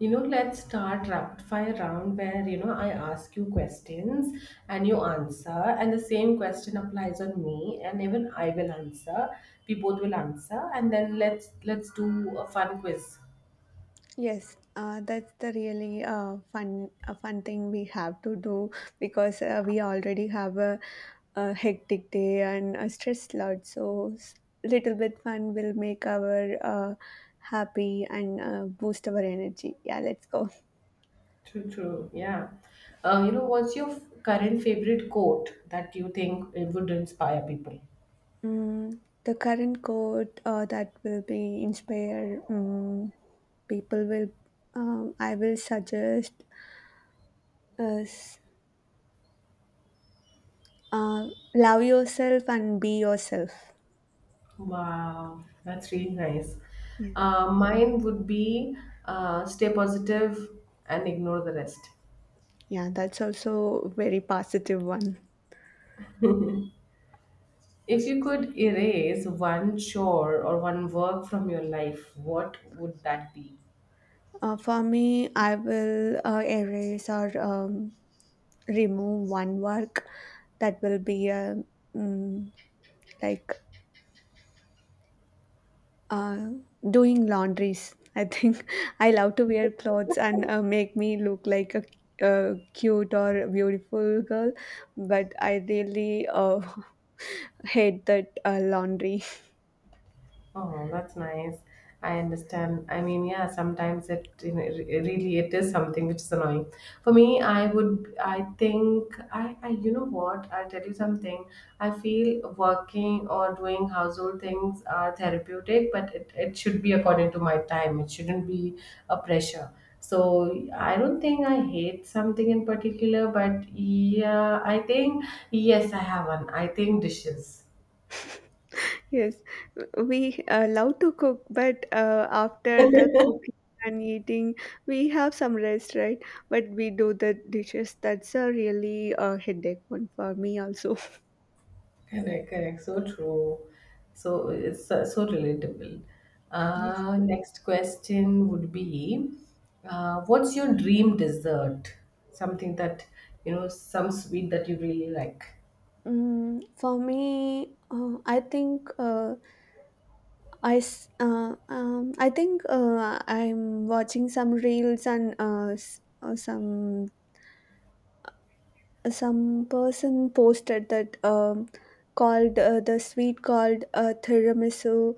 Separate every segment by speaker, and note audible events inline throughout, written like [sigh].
Speaker 1: You know, let's start rapid fire round where, you know, I ask you questions and you answer, and the same question applies on me, and even I will answer. We both will answer, and then let's do a fun quiz.
Speaker 2: Yes, that's the really fun a fun thing we have to do because we already have a hectic day and a stress lot. Little bit fun will make our happy and boost our energy. Yeah, let's go.
Speaker 1: True, true. Yeah. What's your current favorite quote that you think it would inspire people?
Speaker 2: The current quote that will be inspire people will. I will suggest us uh, love yourself and be yourself.
Speaker 1: Wow, that's really nice.
Speaker 2: Yeah.
Speaker 1: Mine would be stay positive and ignore the rest.
Speaker 2: Yeah, that's also a very positive one.
Speaker 1: If you could erase one chore or one work from your life, what would that be?
Speaker 2: For me, I will erase or remove one work that will be mm, like uh, doing laundries. I think [laughs] I love to wear clothes and make me look like a cute or beautiful girl, but I really [laughs] hate that laundry.
Speaker 1: Oh, that's nice. I understand. I mean, yeah, sometimes it, you know, really it is something which is annoying. For me, I would, I think, you know what? I'll tell you something. I feel working or doing household things are therapeutic, but it should be according to my time. It shouldn't be a pressure. So I don't think I hate something in particular, but yeah, I think yes, I have one. I think dishes.
Speaker 2: Yes, we love to cook, but after the cooking and eating, we have some rest, right? But we do the dishes. That's a really headache one for me also. [laughs]
Speaker 1: Correct, correct. So true. So it's so, so relatable.
Speaker 2: Yes.
Speaker 1: Next question would be, what's your dream dessert? Something that, you know, some sweet that you really like.
Speaker 2: For me, I think I think I'm watching some reels and some person posted that called the sweet called tiramisu.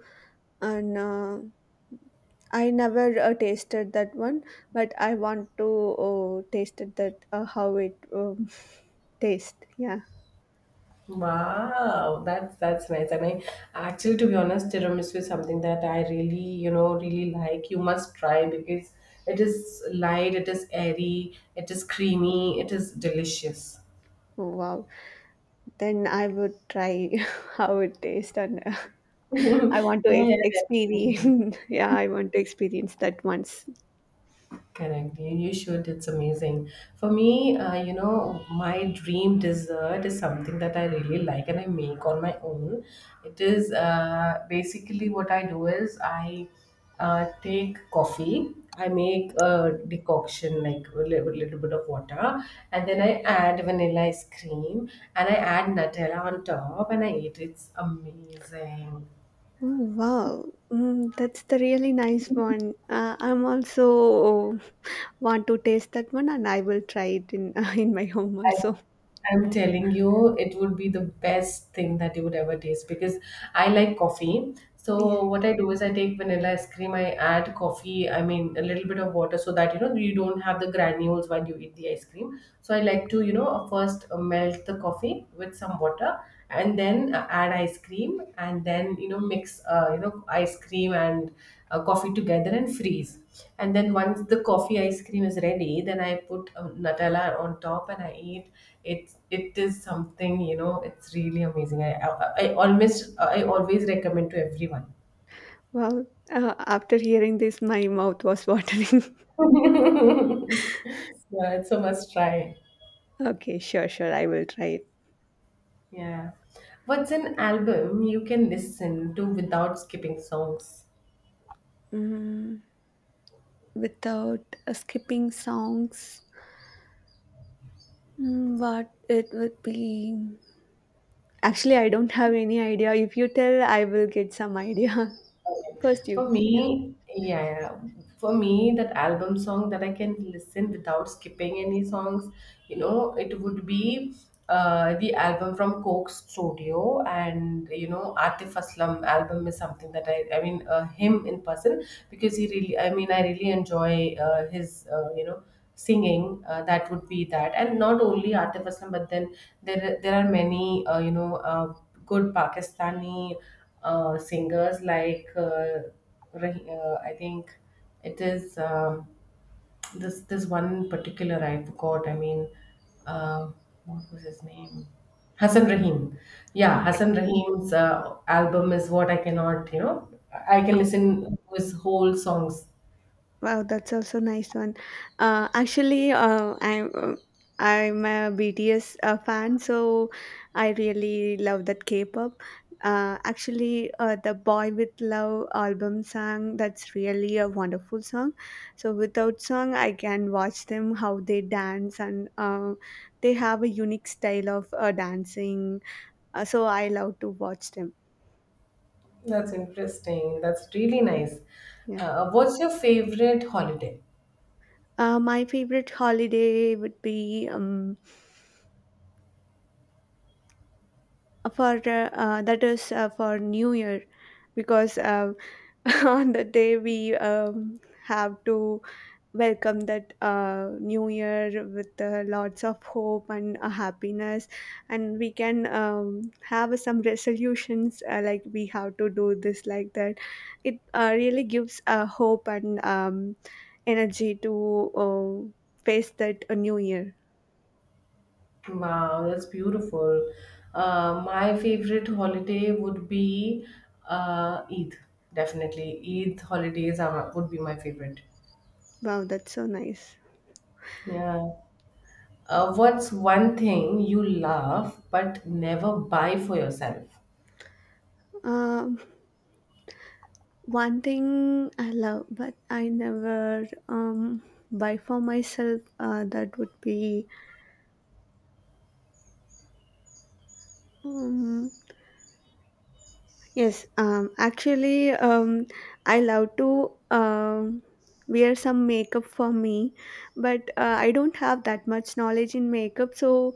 Speaker 2: And I never tasted that one, but I want to taste it that how it [laughs] tastes. Yeah.
Speaker 1: Wow, that's nice. And I actually, to be honest, tiramisu is something that I really, you know, really like. You must try because it is light, it is airy, it is creamy, it is delicious.
Speaker 2: Oh, wow. Then I would try [laughs] how it tastes, and [laughs] I
Speaker 1: [laughs]
Speaker 2: want to
Speaker 1: Yeah, definitely.
Speaker 2: experience. [laughs] Yeah, I want to experience that once.
Speaker 1: Correct. You should. It's amazing. For me, my dream dessert is something that I really like and I make on my own. It is basically what I do is I take coffee, I make a decoction like a little bit of water, and then I add vanilla ice cream and I add Nutella on top and I eat it. It's amazing.
Speaker 2: Oh, wow. That's the really nice one. I'm also want to taste that one, and I will try it in [laughs] in my home
Speaker 1: I
Speaker 2: also.
Speaker 1: I'm telling you, it would be the best thing that you would ever taste because I like coffee.
Speaker 2: Yeah.
Speaker 1: So what I do is I take vanilla ice cream, I add coffee, I mean a little bit of water so that you know you don't have the granules while you eat the ice cream. So I like to, you know, first melt the coffee with some water, and then add ice cream, and then, you know, mix, ice cream and coffee together and freeze. And then once the coffee ice cream is ready, then I put Nutella on top and I eat it. It is something, you know, it's really amazing. I always recommend to everyone.
Speaker 2: Well, after hearing this, my mouth was watering.
Speaker 1: [laughs] Yeah, it's a must try.
Speaker 2: [laughs] Okay, sure, sure, I will try it.
Speaker 1: Yeah. What's an album you can listen to without skipping songs?
Speaker 2: Mm, Without skipping songs, what it would be. Actually, I don't have any idea. If you tell, I will get some idea. [laughs] First, you
Speaker 1: For
Speaker 2: go. Yeah.
Speaker 1: me, yeah, yeah. For me, that album song that I can listen without skipping any songs, you know, it would be the album from Coke Studio. And, you know, Atif Aslam album is something that I mean, him in person, because he really, I mean, I really enjoy his singing. That would be that. And not only Atif Aslam, but then there are many good Pakistani singers like I think it is, this one particular I forgot. I mean, uh, what was his name? Hassan Rahim. Yeah,
Speaker 2: Okay.
Speaker 1: Hassan Rahim's album is what I cannot. You know, I can listen to his whole songs.
Speaker 2: Wow, that's also nice one. Actually, I'm a BTS fan, so I really love that K-pop. Actually, the Boy with Love album song that's really a wonderful song. So without song, I can watch them how they dance and they have a unique style of dancing. So I love to watch them.
Speaker 1: That's interesting. That's really nice.
Speaker 2: Yeah.
Speaker 1: What's your favorite holiday?
Speaker 2: My favorite holiday would be. For That is for new year because [laughs] on the day we have to welcome that new year with lots of hope and happiness and we can have some resolutions like we have to do this like that. It really gives hope and energy to face that new year.
Speaker 1: Wow, that's beautiful. My favorite holiday would be Eid. Definitely, Eid holidays are, would be my favorite.
Speaker 2: Wow, that's so nice.
Speaker 1: Yeah. What's one thing you love but never buy for yourself?
Speaker 2: uh, One thing I love, but I never buy for myself, that would be um, yes, actually, I love to wear some makeup for me, but I don't have that much knowledge in makeup, so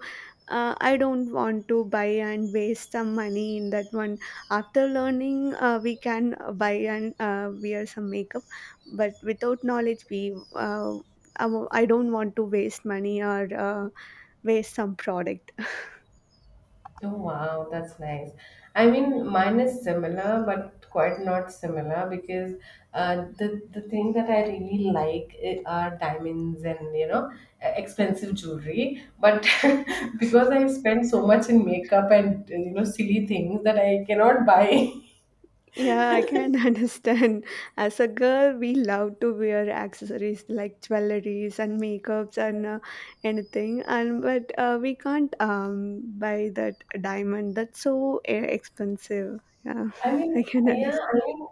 Speaker 2: I don't want to buy and waste some money in that one. After learning, we can buy and wear some makeup, but without knowledge, I don't want to waste money or waste some product.
Speaker 1: Oh wow, that's nice. I mean, mine is similar, but quite not similar, because the thing that I really like are diamonds and, you know, expensive jewelry. But [laughs] because I spend so much in makeup and you know silly things that I cannot buy. [laughs]
Speaker 2: Yeah, I can [laughs] understand. As a girl, we love to wear accessories like jewelries and makeups and anything, and but we can't buy that diamond. That's so expensive. Yeah,
Speaker 1: I
Speaker 2: [laughs]
Speaker 1: mean,
Speaker 2: I can
Speaker 1: yeah,
Speaker 2: understand.
Speaker 1: I mean,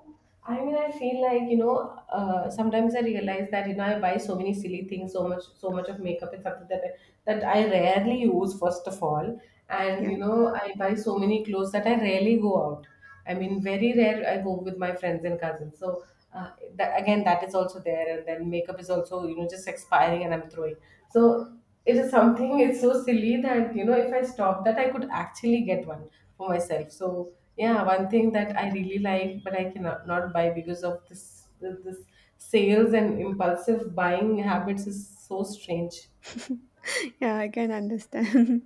Speaker 1: I mean, I feel like, you know, sometimes I realize that, you know, I buy so many silly things, so much, so much of makeup. It's something that I rarely use, first of all. And,
Speaker 2: Yeah,
Speaker 1: you know, I buy so many clothes that I rarely go out. I mean, very rare I go with my friends and cousins. So, that, again, that is also there. And then makeup is also, you know, just expiring and I'm throwing. So, it is something, it's so silly that, you know, if I stop that, I could actually get one for myself. So yeah, one thing that I really like but I cannot not buy because of this sales and impulsive buying habits is so strange.
Speaker 2: yeah, I can understand.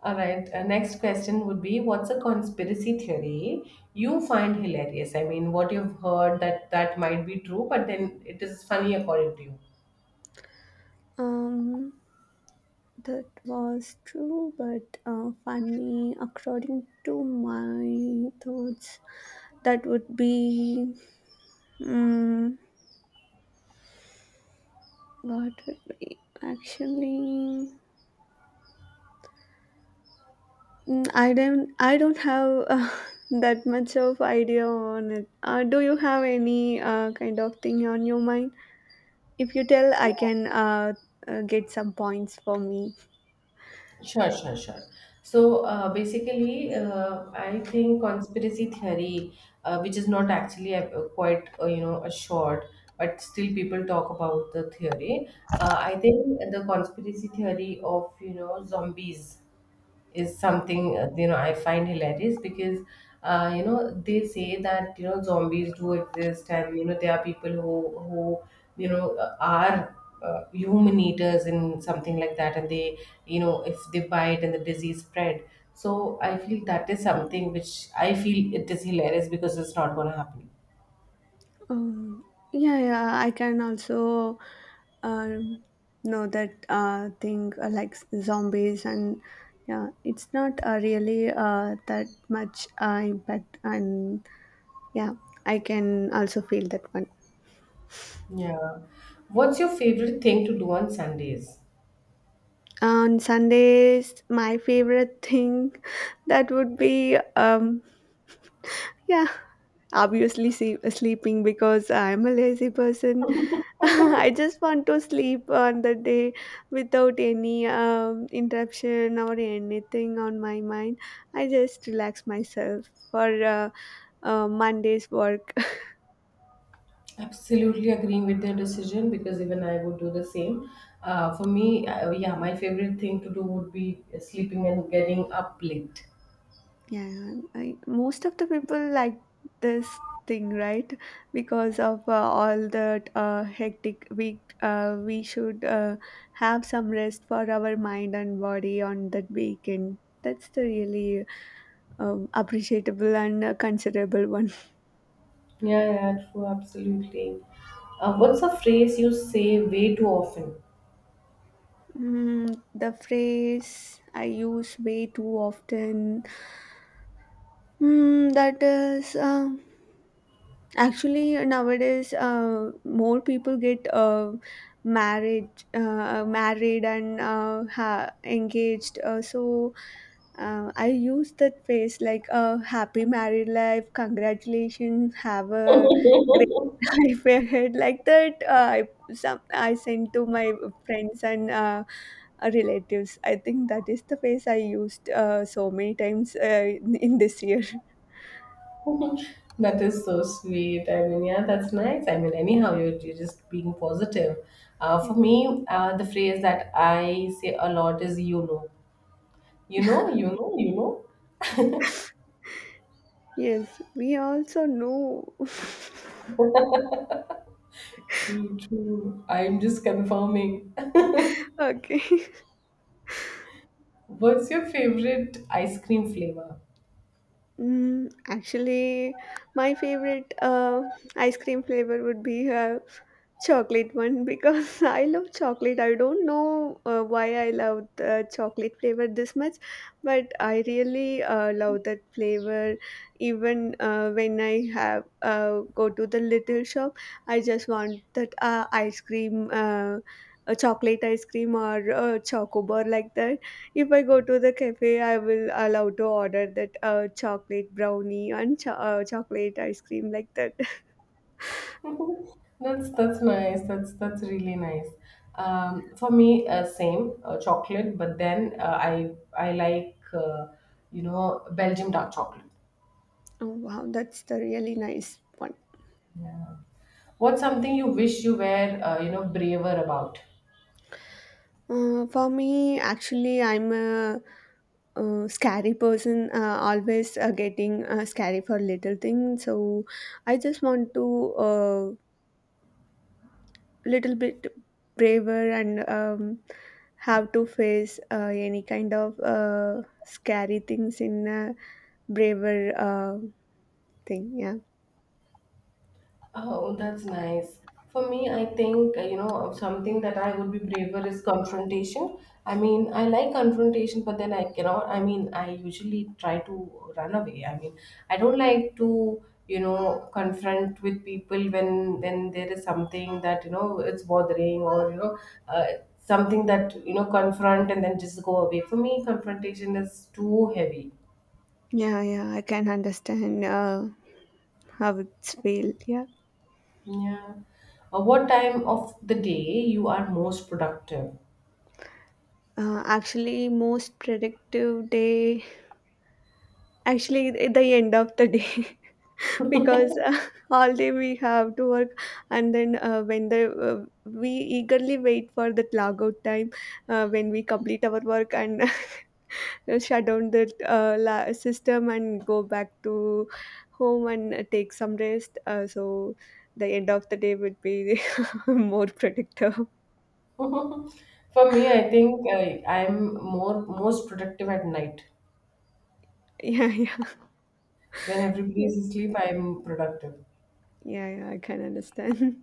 Speaker 1: All right, next question would be, what's a conspiracy theory you find hilarious? I mean, what you've heard that might be true, but then it is funny according to you.
Speaker 2: [laughs] um, that was true, but funny according to my thoughts. That would be. mm, What would be actually? I don't. I don't have [laughs] that much of idea on it. Do you have any kind of thing on your mind? If you tell, I can get some points for me.
Speaker 1: Sure, sure, sure. So basically, I think conspiracy theory, which is not actually a quite a short, but still people talk about the theory. I think the conspiracy theory of, you know, zombies is something, I find hilarious, because you know, they say that, you know, zombies do exist, and, you know, there are people who, you know, are human eaters and something like that. And they, you know, if they bite and the disease spread. So I feel that is something which I feel it is hilarious, because it's not going to happen.
Speaker 2: Um, yeah, yeah. I can also um, know that thing zombies and yeah, it's not really that much impact and yeah, I can also feel that one.
Speaker 1: Yeah. What's your favorite thing to do on Sundays?
Speaker 2: On Sundays, my favorite thing [laughs] that would be yeah, obviously see, sleeping because I'm a lazy person. [laughs] I just want to sleep on the day without any interruption or anything on my mind. I just relax myself for Monday's work.
Speaker 1: Absolutely agreeing with their decision, because even I would do the same. For me, yeah, my favorite thing to do would be sleeping and getting up late.
Speaker 2: Yeah, I, most of the people like this thing, right? Because of all that hectic week, we should have some rest for our mind and body on that weekend. That's the really appreciable and considerable one.
Speaker 1: Yeah, yeah, true, absolutely. What's a phrase you say way too often?
Speaker 2: The phrase I use way too often. That is. Actually, nowadays, more people get married and engaged. So I use that phrase like "happy married life," "congratulations," "have a great [laughs] life ahead," like that. I some I send to my friends and relatives. I think that is the phrase I used so many times in this year.
Speaker 1: That is so sweet. I mean, yeah, that's nice. I mean, anyhow, you're just being positive.
Speaker 2: Yeah.
Speaker 1: For me, the phrase that I say a lot is you know. You know, you know, you know.
Speaker 2: Yes, we also know.
Speaker 1: True, true. I'm just confirming.
Speaker 2: Okay. [laughs]
Speaker 1: What's your favorite ice cream flavor?
Speaker 2: Actually, my favorite ice cream flavor would be chocolate one because [laughs] I love chocolate. I don't know why I love the chocolate flavor this much, but I really love that flavor. Even when I have go to the little shop, I just want that ice cream, a chocolate ice cream or a chocobar like that. If I go to the cafe, I will allow to order that chocolate brownie and chocolate ice cream like that. [laughs]
Speaker 1: That's nice. That's really nice. For me, same chocolate, but then I I like you know, Belgium dark chocolate.
Speaker 2: Oh wow, that's the really nice one.
Speaker 1: Yeah. What's something you wish you were, braver about?
Speaker 2: For me, actually, scary person. Always getting scary for little things. So I just want to uh, little bit braver and have to face any kind of scary things in a braver thing. Yeah.
Speaker 1: Oh, that's nice. For me, I think, something that I would be braver is confrontation. I mean, I like confrontation, but then I cannot, I mean, I usually try to run away. I mean, I don't like to, you know, confront with people when there is something that, you know, it's bothering, or, you know, uh, something that, you know, confront and then just go away. For me, confrontation is too heavy.
Speaker 2: Yeah, yeah, I can understand how it's feel. Yeah.
Speaker 1: Yeah. What time of the day you are most productive?
Speaker 2: Actually, most predictive day actually at the end of the day [laughs] because all day we have to work and then when the uh, we eagerly wait for that logout time when we complete our work and [laughs] shut down the system and go back to home and take some rest, so the end of the day would be [laughs] more productive.
Speaker 1: [laughs] For me, I think I, I'm more most productive at night.
Speaker 2: [laughs] Yeah, yeah,
Speaker 1: When everybody
Speaker 2: yeah,
Speaker 1: is asleep, I'm productive.
Speaker 2: yeah. I can understand.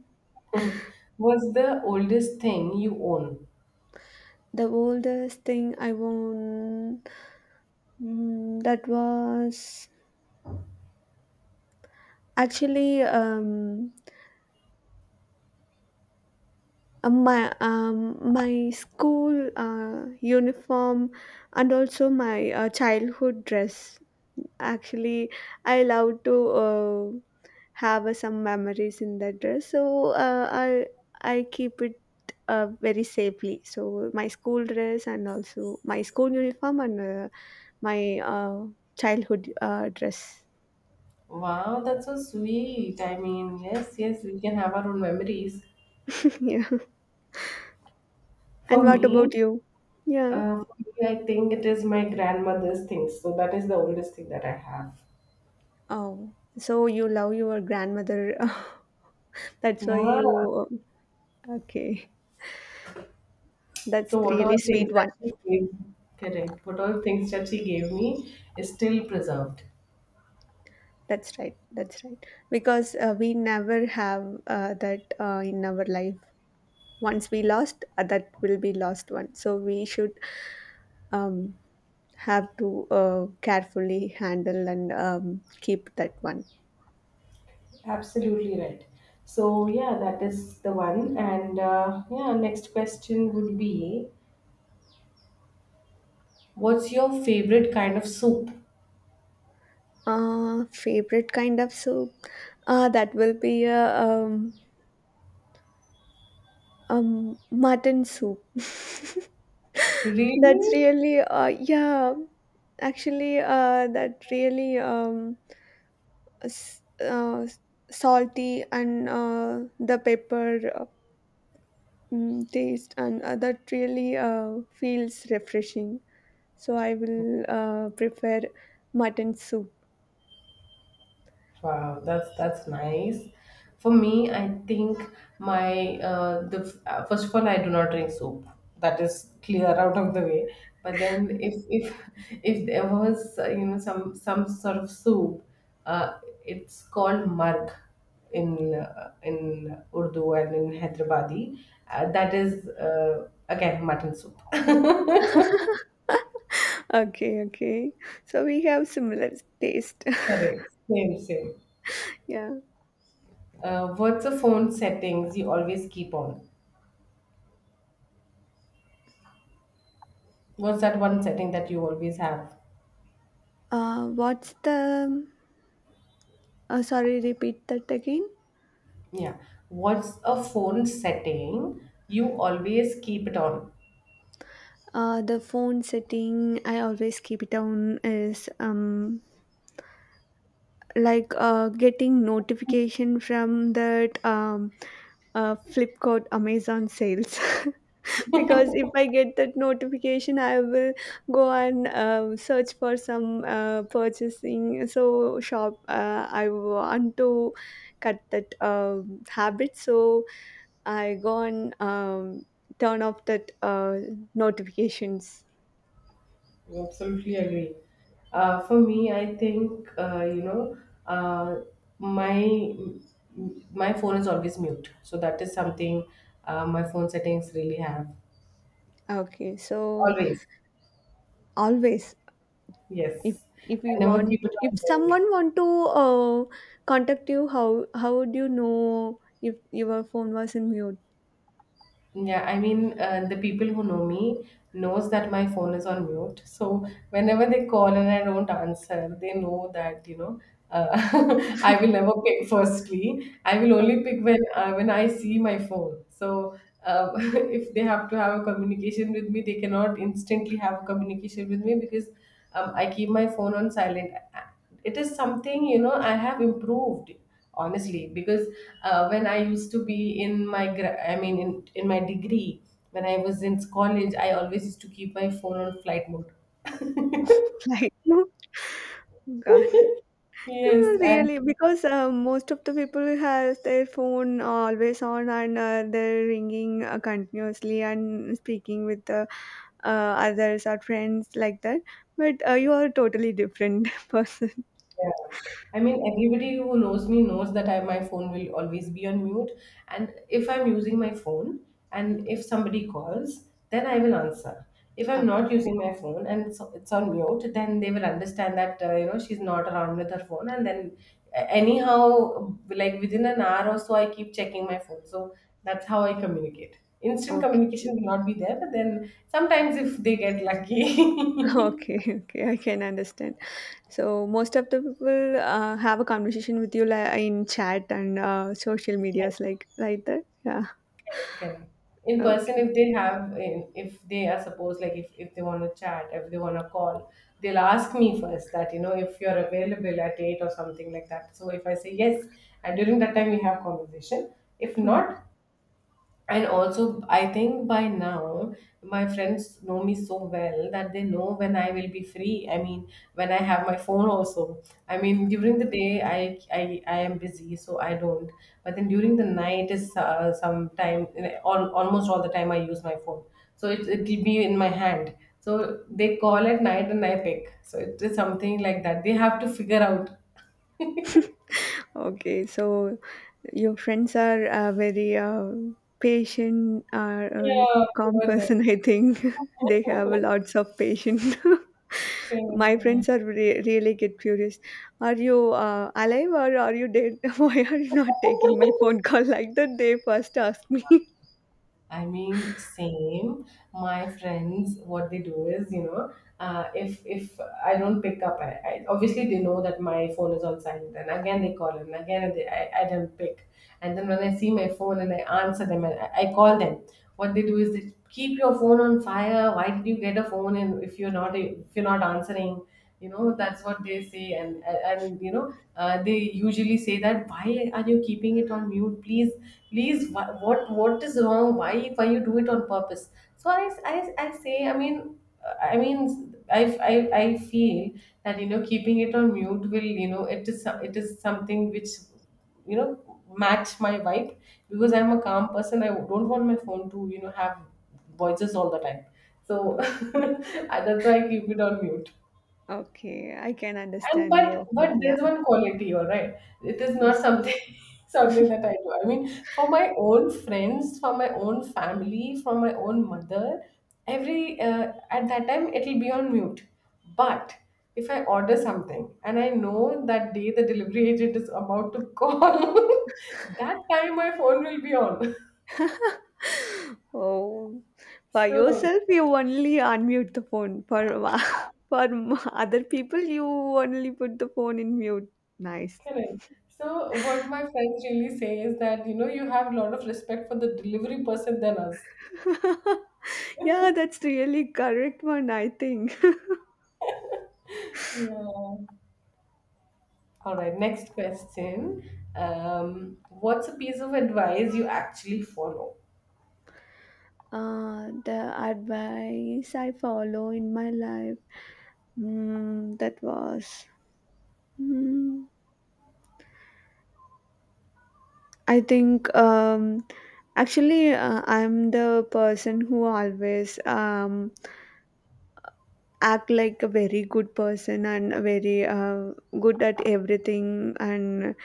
Speaker 1: [laughs] What's the oldest thing you own?
Speaker 2: [laughs] The oldest thing I won, that was actually my my school uniform and also my childhood dress. Actually, I love to have some memories in that dress, so I keep it very safely. So my school dress and also my school uniform and my childhood dress.
Speaker 1: Wow, that's so sweet. I mean, yes, yes, we can have our own memories.
Speaker 2: [laughs] Yeah,
Speaker 1: For
Speaker 2: and what
Speaker 1: me,
Speaker 2: about you? Yeah.
Speaker 1: for me, I think it is my grandmother's things. So that is the oldest thing that I have.
Speaker 2: Oh, so you love your grandmother. [laughs] That's why
Speaker 1: Yeah.
Speaker 2: you uh, okay, that's
Speaker 1: So what all
Speaker 2: really
Speaker 1: things
Speaker 2: sweet
Speaker 1: that
Speaker 2: one.
Speaker 1: she gave, correct? What all things that she gave me is still preserved.
Speaker 2: That's right, that's right, because we never have that in our life. Once we lost that will be lost one, so we should um, have to carefully handle and keep that one.
Speaker 1: Absolutely right. So, yeah, that is the one. And yeah, next question would be, what's your favorite kind of soup?
Speaker 2: Favorite kind of soup that will be a mutton soup. [laughs] That's
Speaker 1: Really?
Speaker 2: really yeah, actually that really s- uh, salty and the pepper taste and that really feels refreshing, so I will prefer mutton soup.
Speaker 1: Wow, that's nice. For me, I think my the first of all, I do not drink soup. That is clear out of the way. But then, if [laughs] if there was you know, some sort of soup, it's called marg in Urdu and in Hyderabadi. That is again mutton soup. [laughs]
Speaker 2: [laughs] Okay, okay, so we have similar taste. [laughs]
Speaker 1: Correct. Same same.
Speaker 2: Yeah.
Speaker 1: What's the phone settings you always keep on? What's that one setting that you always have?
Speaker 2: What's the Sorry, repeat that again.
Speaker 1: Yeah. What's a phone setting you always keep it on?
Speaker 2: The phone setting I always keep it on is like getting notification from that Flipkart, Amazon sales. [laughs] Because if I get that notification, I will go and search for some purchasing. So shop, I want to cut that habit. So I go and turn off that notifications.
Speaker 1: I absolutely agree. For me, I think uh, my my phone is always mute, so that is something my phone settings really have
Speaker 2: Okay, so
Speaker 1: always.
Speaker 2: always. if
Speaker 1: Yes,
Speaker 2: if we
Speaker 1: I never
Speaker 2: want,
Speaker 1: keep it
Speaker 2: if
Speaker 1: on.
Speaker 2: someone want to uh, contact you, how would you know if your phone was in mute?
Speaker 1: Yeah, I mean, the people who know me knows that my phone is on mute. So whenever they call and I don't answer, they know that, you know, uh, [laughs] I will never pick firstly. I will
Speaker 2: Okay,
Speaker 1: only pick when I see my phone. So [laughs] if they have to have a communication with me, they cannot instantly have a communication with me because I keep my phone on silent. It is something, you know, I have improved, honestly, because when I used to be in my gra- I mean in my degree, when I was in college, I always used to keep my phone on flight mode. [laughs]
Speaker 2: [laughs] like oh, God. Uh,
Speaker 1: Yes, and.
Speaker 2: Really, because most of the people has their phone always on and they're ringing continuously and speaking with the others or friends like that. But you are a totally different [laughs] person.
Speaker 1: Yeah. I mean, everybody who knows me knows that my phone will always be on mute. And if I'm using my phone and if somebody calls, then I will answer. If I'm
Speaker 2: Okay.
Speaker 1: not using my phone and it's on mute, then they will understand that, you know, she's not around with her phone. And then anyhow, like within an hour or so, I keep checking my phone. So that's how I communicate. Instant
Speaker 2: Okay,
Speaker 1: communication will not be there, but then sometimes if they get
Speaker 2: [laughs]
Speaker 1: lucky.
Speaker 2: okay, okay. I can understand. So most of the people have a conversation with you li in chat and social
Speaker 1: [laughs]
Speaker 2: medias like that. Yeah.
Speaker 1: Correct. In person,
Speaker 2: Okay.
Speaker 1: if they have, if they are supposed, like if they want to chat, if they want to call, they'll ask me first that, you know, if you're available at eight or something like that. So if I say yes, and during that time we have conversation. If not, and also, I think by now, my friends know me so well that they know when I will be free. I mean, when I have my phone also. I mean, during the day, I am busy, so I don't. But then during the night is sometime, almost all the time I use my phone. So it will be in my hand. So they call at night and I pick. So it is something like that. They have to figure out.
Speaker 2: Okay, so your friends are very patient or
Speaker 1: Yeah,
Speaker 2: calm [laughs]
Speaker 1: poor them.
Speaker 2: person, I think. [laughs] They have lots of patience. [laughs]
Speaker 1: Correct,
Speaker 2: My
Speaker 1: correct.
Speaker 2: friends are really get furious. Are you alive or are you dead? [laughs] Why are you not taking my
Speaker 1: [laughs]
Speaker 2: phone call [laughs] like that? They first ask me. [laughs]
Speaker 1: I mean, same. My friends, what they do is, you know, if I don't pick up, I obviously, they know that my phone is on silent, and again they call, and again they, I don't pick, and then when I see my phone and I answer them, and I call them. What they do is they keep your phone on fire. Why did you get a phone? And if you're not answering, you know, that's what they say. You know, they usually say that, why are you keeping it on mute? Please, please, what is wrong? Why you do it on purpose? I say, I mean, I, I feel that, you know, keeping it on mute will, you know, it is it is something which, you know, match my vibe. Because I'm a calm person, I don't want my phone to, you know, have voices all the time. So [laughs] that's why I keep it on mute.
Speaker 2: Okay, I can
Speaker 1: And
Speaker 2: understand
Speaker 1: but
Speaker 2: your
Speaker 1: but
Speaker 2: feeling. Yeah.
Speaker 1: there's one quality, all right. It is
Speaker 2: Yes.
Speaker 1: not something [laughs] something that I do. I mean, for my own friends, for my own family, for my own mother, every at that time, it'll be on mute. But if I order something and I know that day the delivery [laughs] agent is about to call, [laughs] that time my phone will be on. [laughs]
Speaker 2: Oh, by
Speaker 1: So,
Speaker 2: yourself, you only unmute the phone. For [laughs] for other people, you only put the phone in mute. Nice.
Speaker 1: correct. So, what my friends really say is that, you know, you have a lot of respect for the delivery person than us.
Speaker 2: [laughs] Yeah, that's really correct one, I think.
Speaker 1: Yeah. All right, next question. What's a piece of advice you actually follow?
Speaker 2: [laughs] The advice I follow in my life. Mm, that was. Mm, I think actually I'm the person who always act like a very good person and a very good at everything and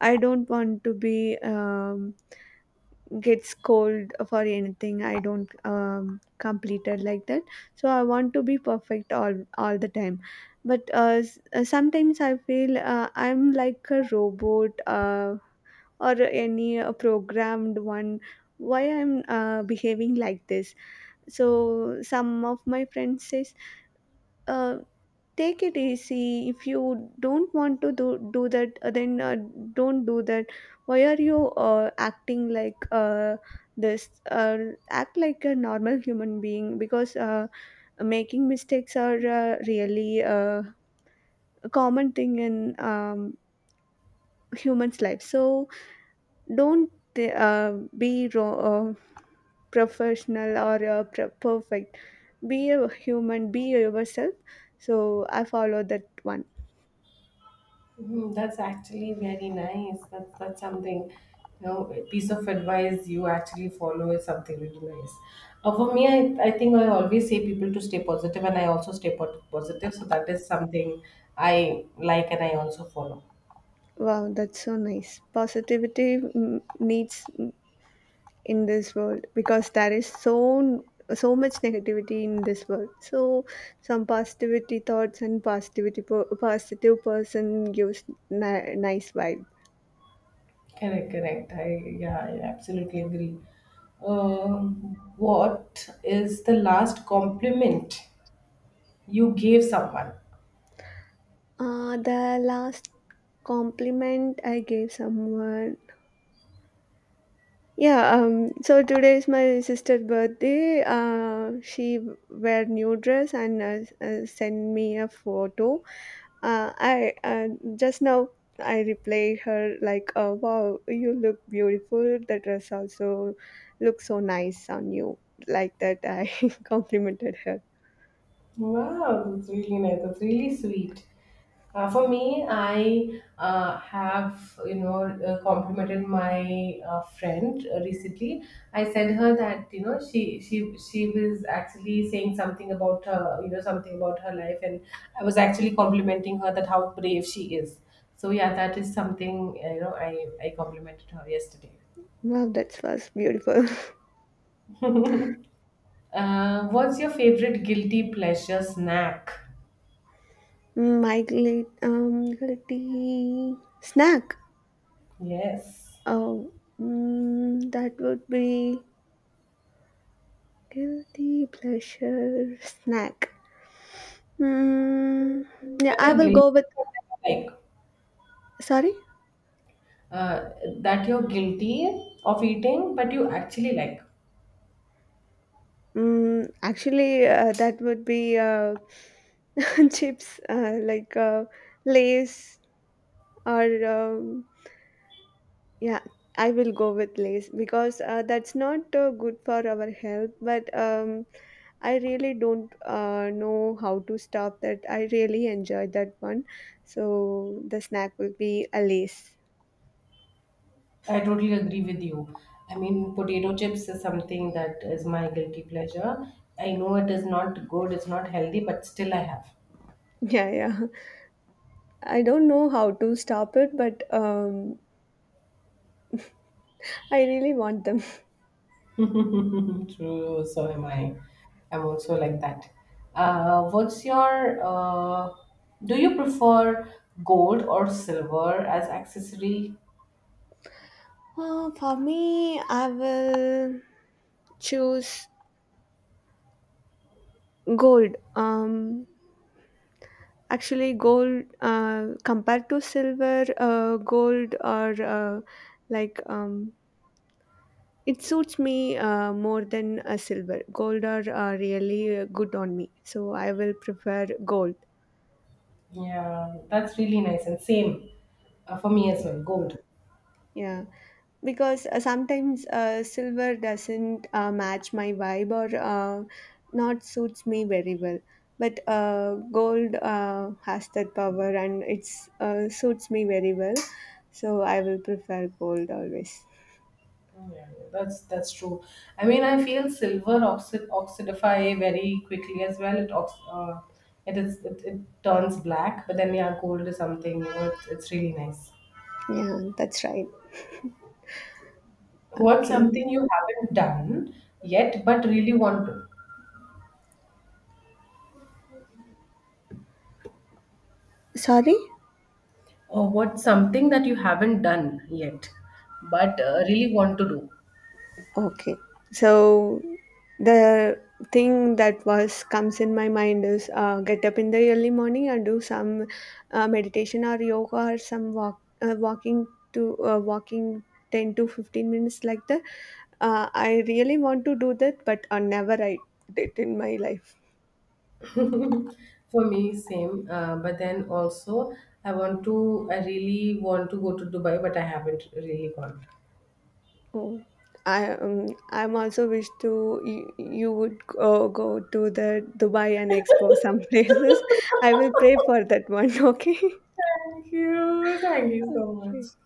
Speaker 2: I don't want to be get scolded for anything I don't complete it like that, so I want to be perfect all the time. But sometimes I feel I'm like a robot, or any programmed one. Why I'm behaving like this? So some of my friends says, uh, take it easy. If you don't want to do that, then don't do that. Why are you acting like this, act like a normal human being? Because making mistakes are really a common thing in humans life. So don't uh, be ro- uh, professional or perfect. Be a human, be yourself. So I follow that one.
Speaker 1: Mhm, that's actually very nice. That's something, you know, a piece of advice you actually follow is something really nice. For me, I think I always say people to stay positive, and I also stay positive. So that is something I like, and I also follow.
Speaker 2: Wow, that's so nice. Positivity mm, needs mm, in this world, because there is so much negativity in this world. So some positivity thoughts and positivity positive person gives nice vibe.
Speaker 1: Correct, correct. I Yeah, I absolutely agree. Um, what is the last compliment you gave someone.
Speaker 2: The last compliment I gave someone. Yeah, so today is my sister's birthday. She wear new dress and send me a photo. I just now I replied her like, "Wow, you look beautiful. The dress also looks so nice on you." Like that, I [laughs] complimented her.
Speaker 1: Wow, that's really nice. That's really sweet. For me, I have, you know, complimented my friend recently. I said her that, you know, she was actually saying something about her, you know, something about her life, and I was actually complimenting her that how brave she is. So yeah, that is something, you know, I complimented her yesterday.
Speaker 2: Wow, that was beautiful.
Speaker 1: What's your favorite guilty pleasure snack?
Speaker 2: [laughs] My guilty snack.
Speaker 1: Yes.
Speaker 2: Oh, mm, that would be guilty pleasure snack. Mm, yeah,
Speaker 1: But
Speaker 2: I
Speaker 1: you're
Speaker 2: will
Speaker 1: guilty
Speaker 2: go with.
Speaker 1: of that you like.
Speaker 2: Sorry.
Speaker 1: Uh, that you're guilty of eating, but you actually like.
Speaker 2: Mm, actually, that would be [laughs] chips, like, lays or yeah, I will go with lays, because that's not good for our health, but I really don't know how to stop that. I really enjoy that one. So the snack will be a Lay's.
Speaker 1: I totally agree with you. I mean, potato chips is something that is my guilty pleasure. I know it is not good, it's not healthy, but still I have.
Speaker 2: [laughs] Yeah, I don't know how to stop it, but I really want them.
Speaker 1: [laughs] True, so am I. I'm also like that. Uh, what's your, uh, do you prefer gold or silver as accessory?
Speaker 2: [laughs] For me, I will choose gold. Um, actually, gold compared to silver, gold or like it suits me more than silver. Gold are really good on me, so I will prefer gold.
Speaker 1: Yeah, that's really nice and same for me as
Speaker 2: Okay.
Speaker 1: well. Gold.
Speaker 2: Yeah, because sometimes silver doesn't match my vibe, or not suits me very well. But gold has that power, and it's suits me very well. So I will prefer gold always.
Speaker 1: Yeah, yeah, that's true. I mean, I feel silver oxidify very quickly as well. It ox- it is it, it turns black, but then yeah, gold is something, you know. It's really nice.
Speaker 2: Yeah, that's right.
Speaker 1: What's
Speaker 2: Okay.
Speaker 1: something you haven't done yet, but really want to?
Speaker 2: Sorry?
Speaker 1: Or what's something that you haven't done yet, but really want to do?
Speaker 2: Okay. So the thing that was comes in my mind is, get up in the early morning and do some meditation or yoga or some walking 10 to 15 minutes like that. I really want to do that, but never I did in my life.
Speaker 1: [laughs] For me, same. I want to, I really want to go to Dubai, but I haven't really gone.
Speaker 2: Oh, I I'm also wish to you would go to the Dubai and Expo some [laughs] places. I will pray for that one. [laughs] Okay.
Speaker 1: Thank you. Thank you so
Speaker 2: Okay.
Speaker 1: much.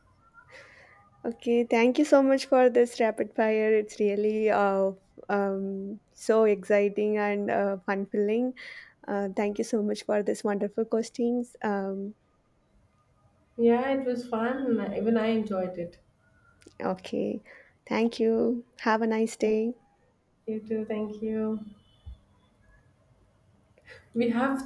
Speaker 2: Okay, thank you so much for this rapid fire. It's really so exciting and fulfilling. Thank you so much for this wonderful questions.
Speaker 1: Yeah, it was fun. Even I enjoyed it.
Speaker 2: Okay. Thank you. Have a nice
Speaker 1: Thank
Speaker 2: day.
Speaker 1: you too. Thank you. We have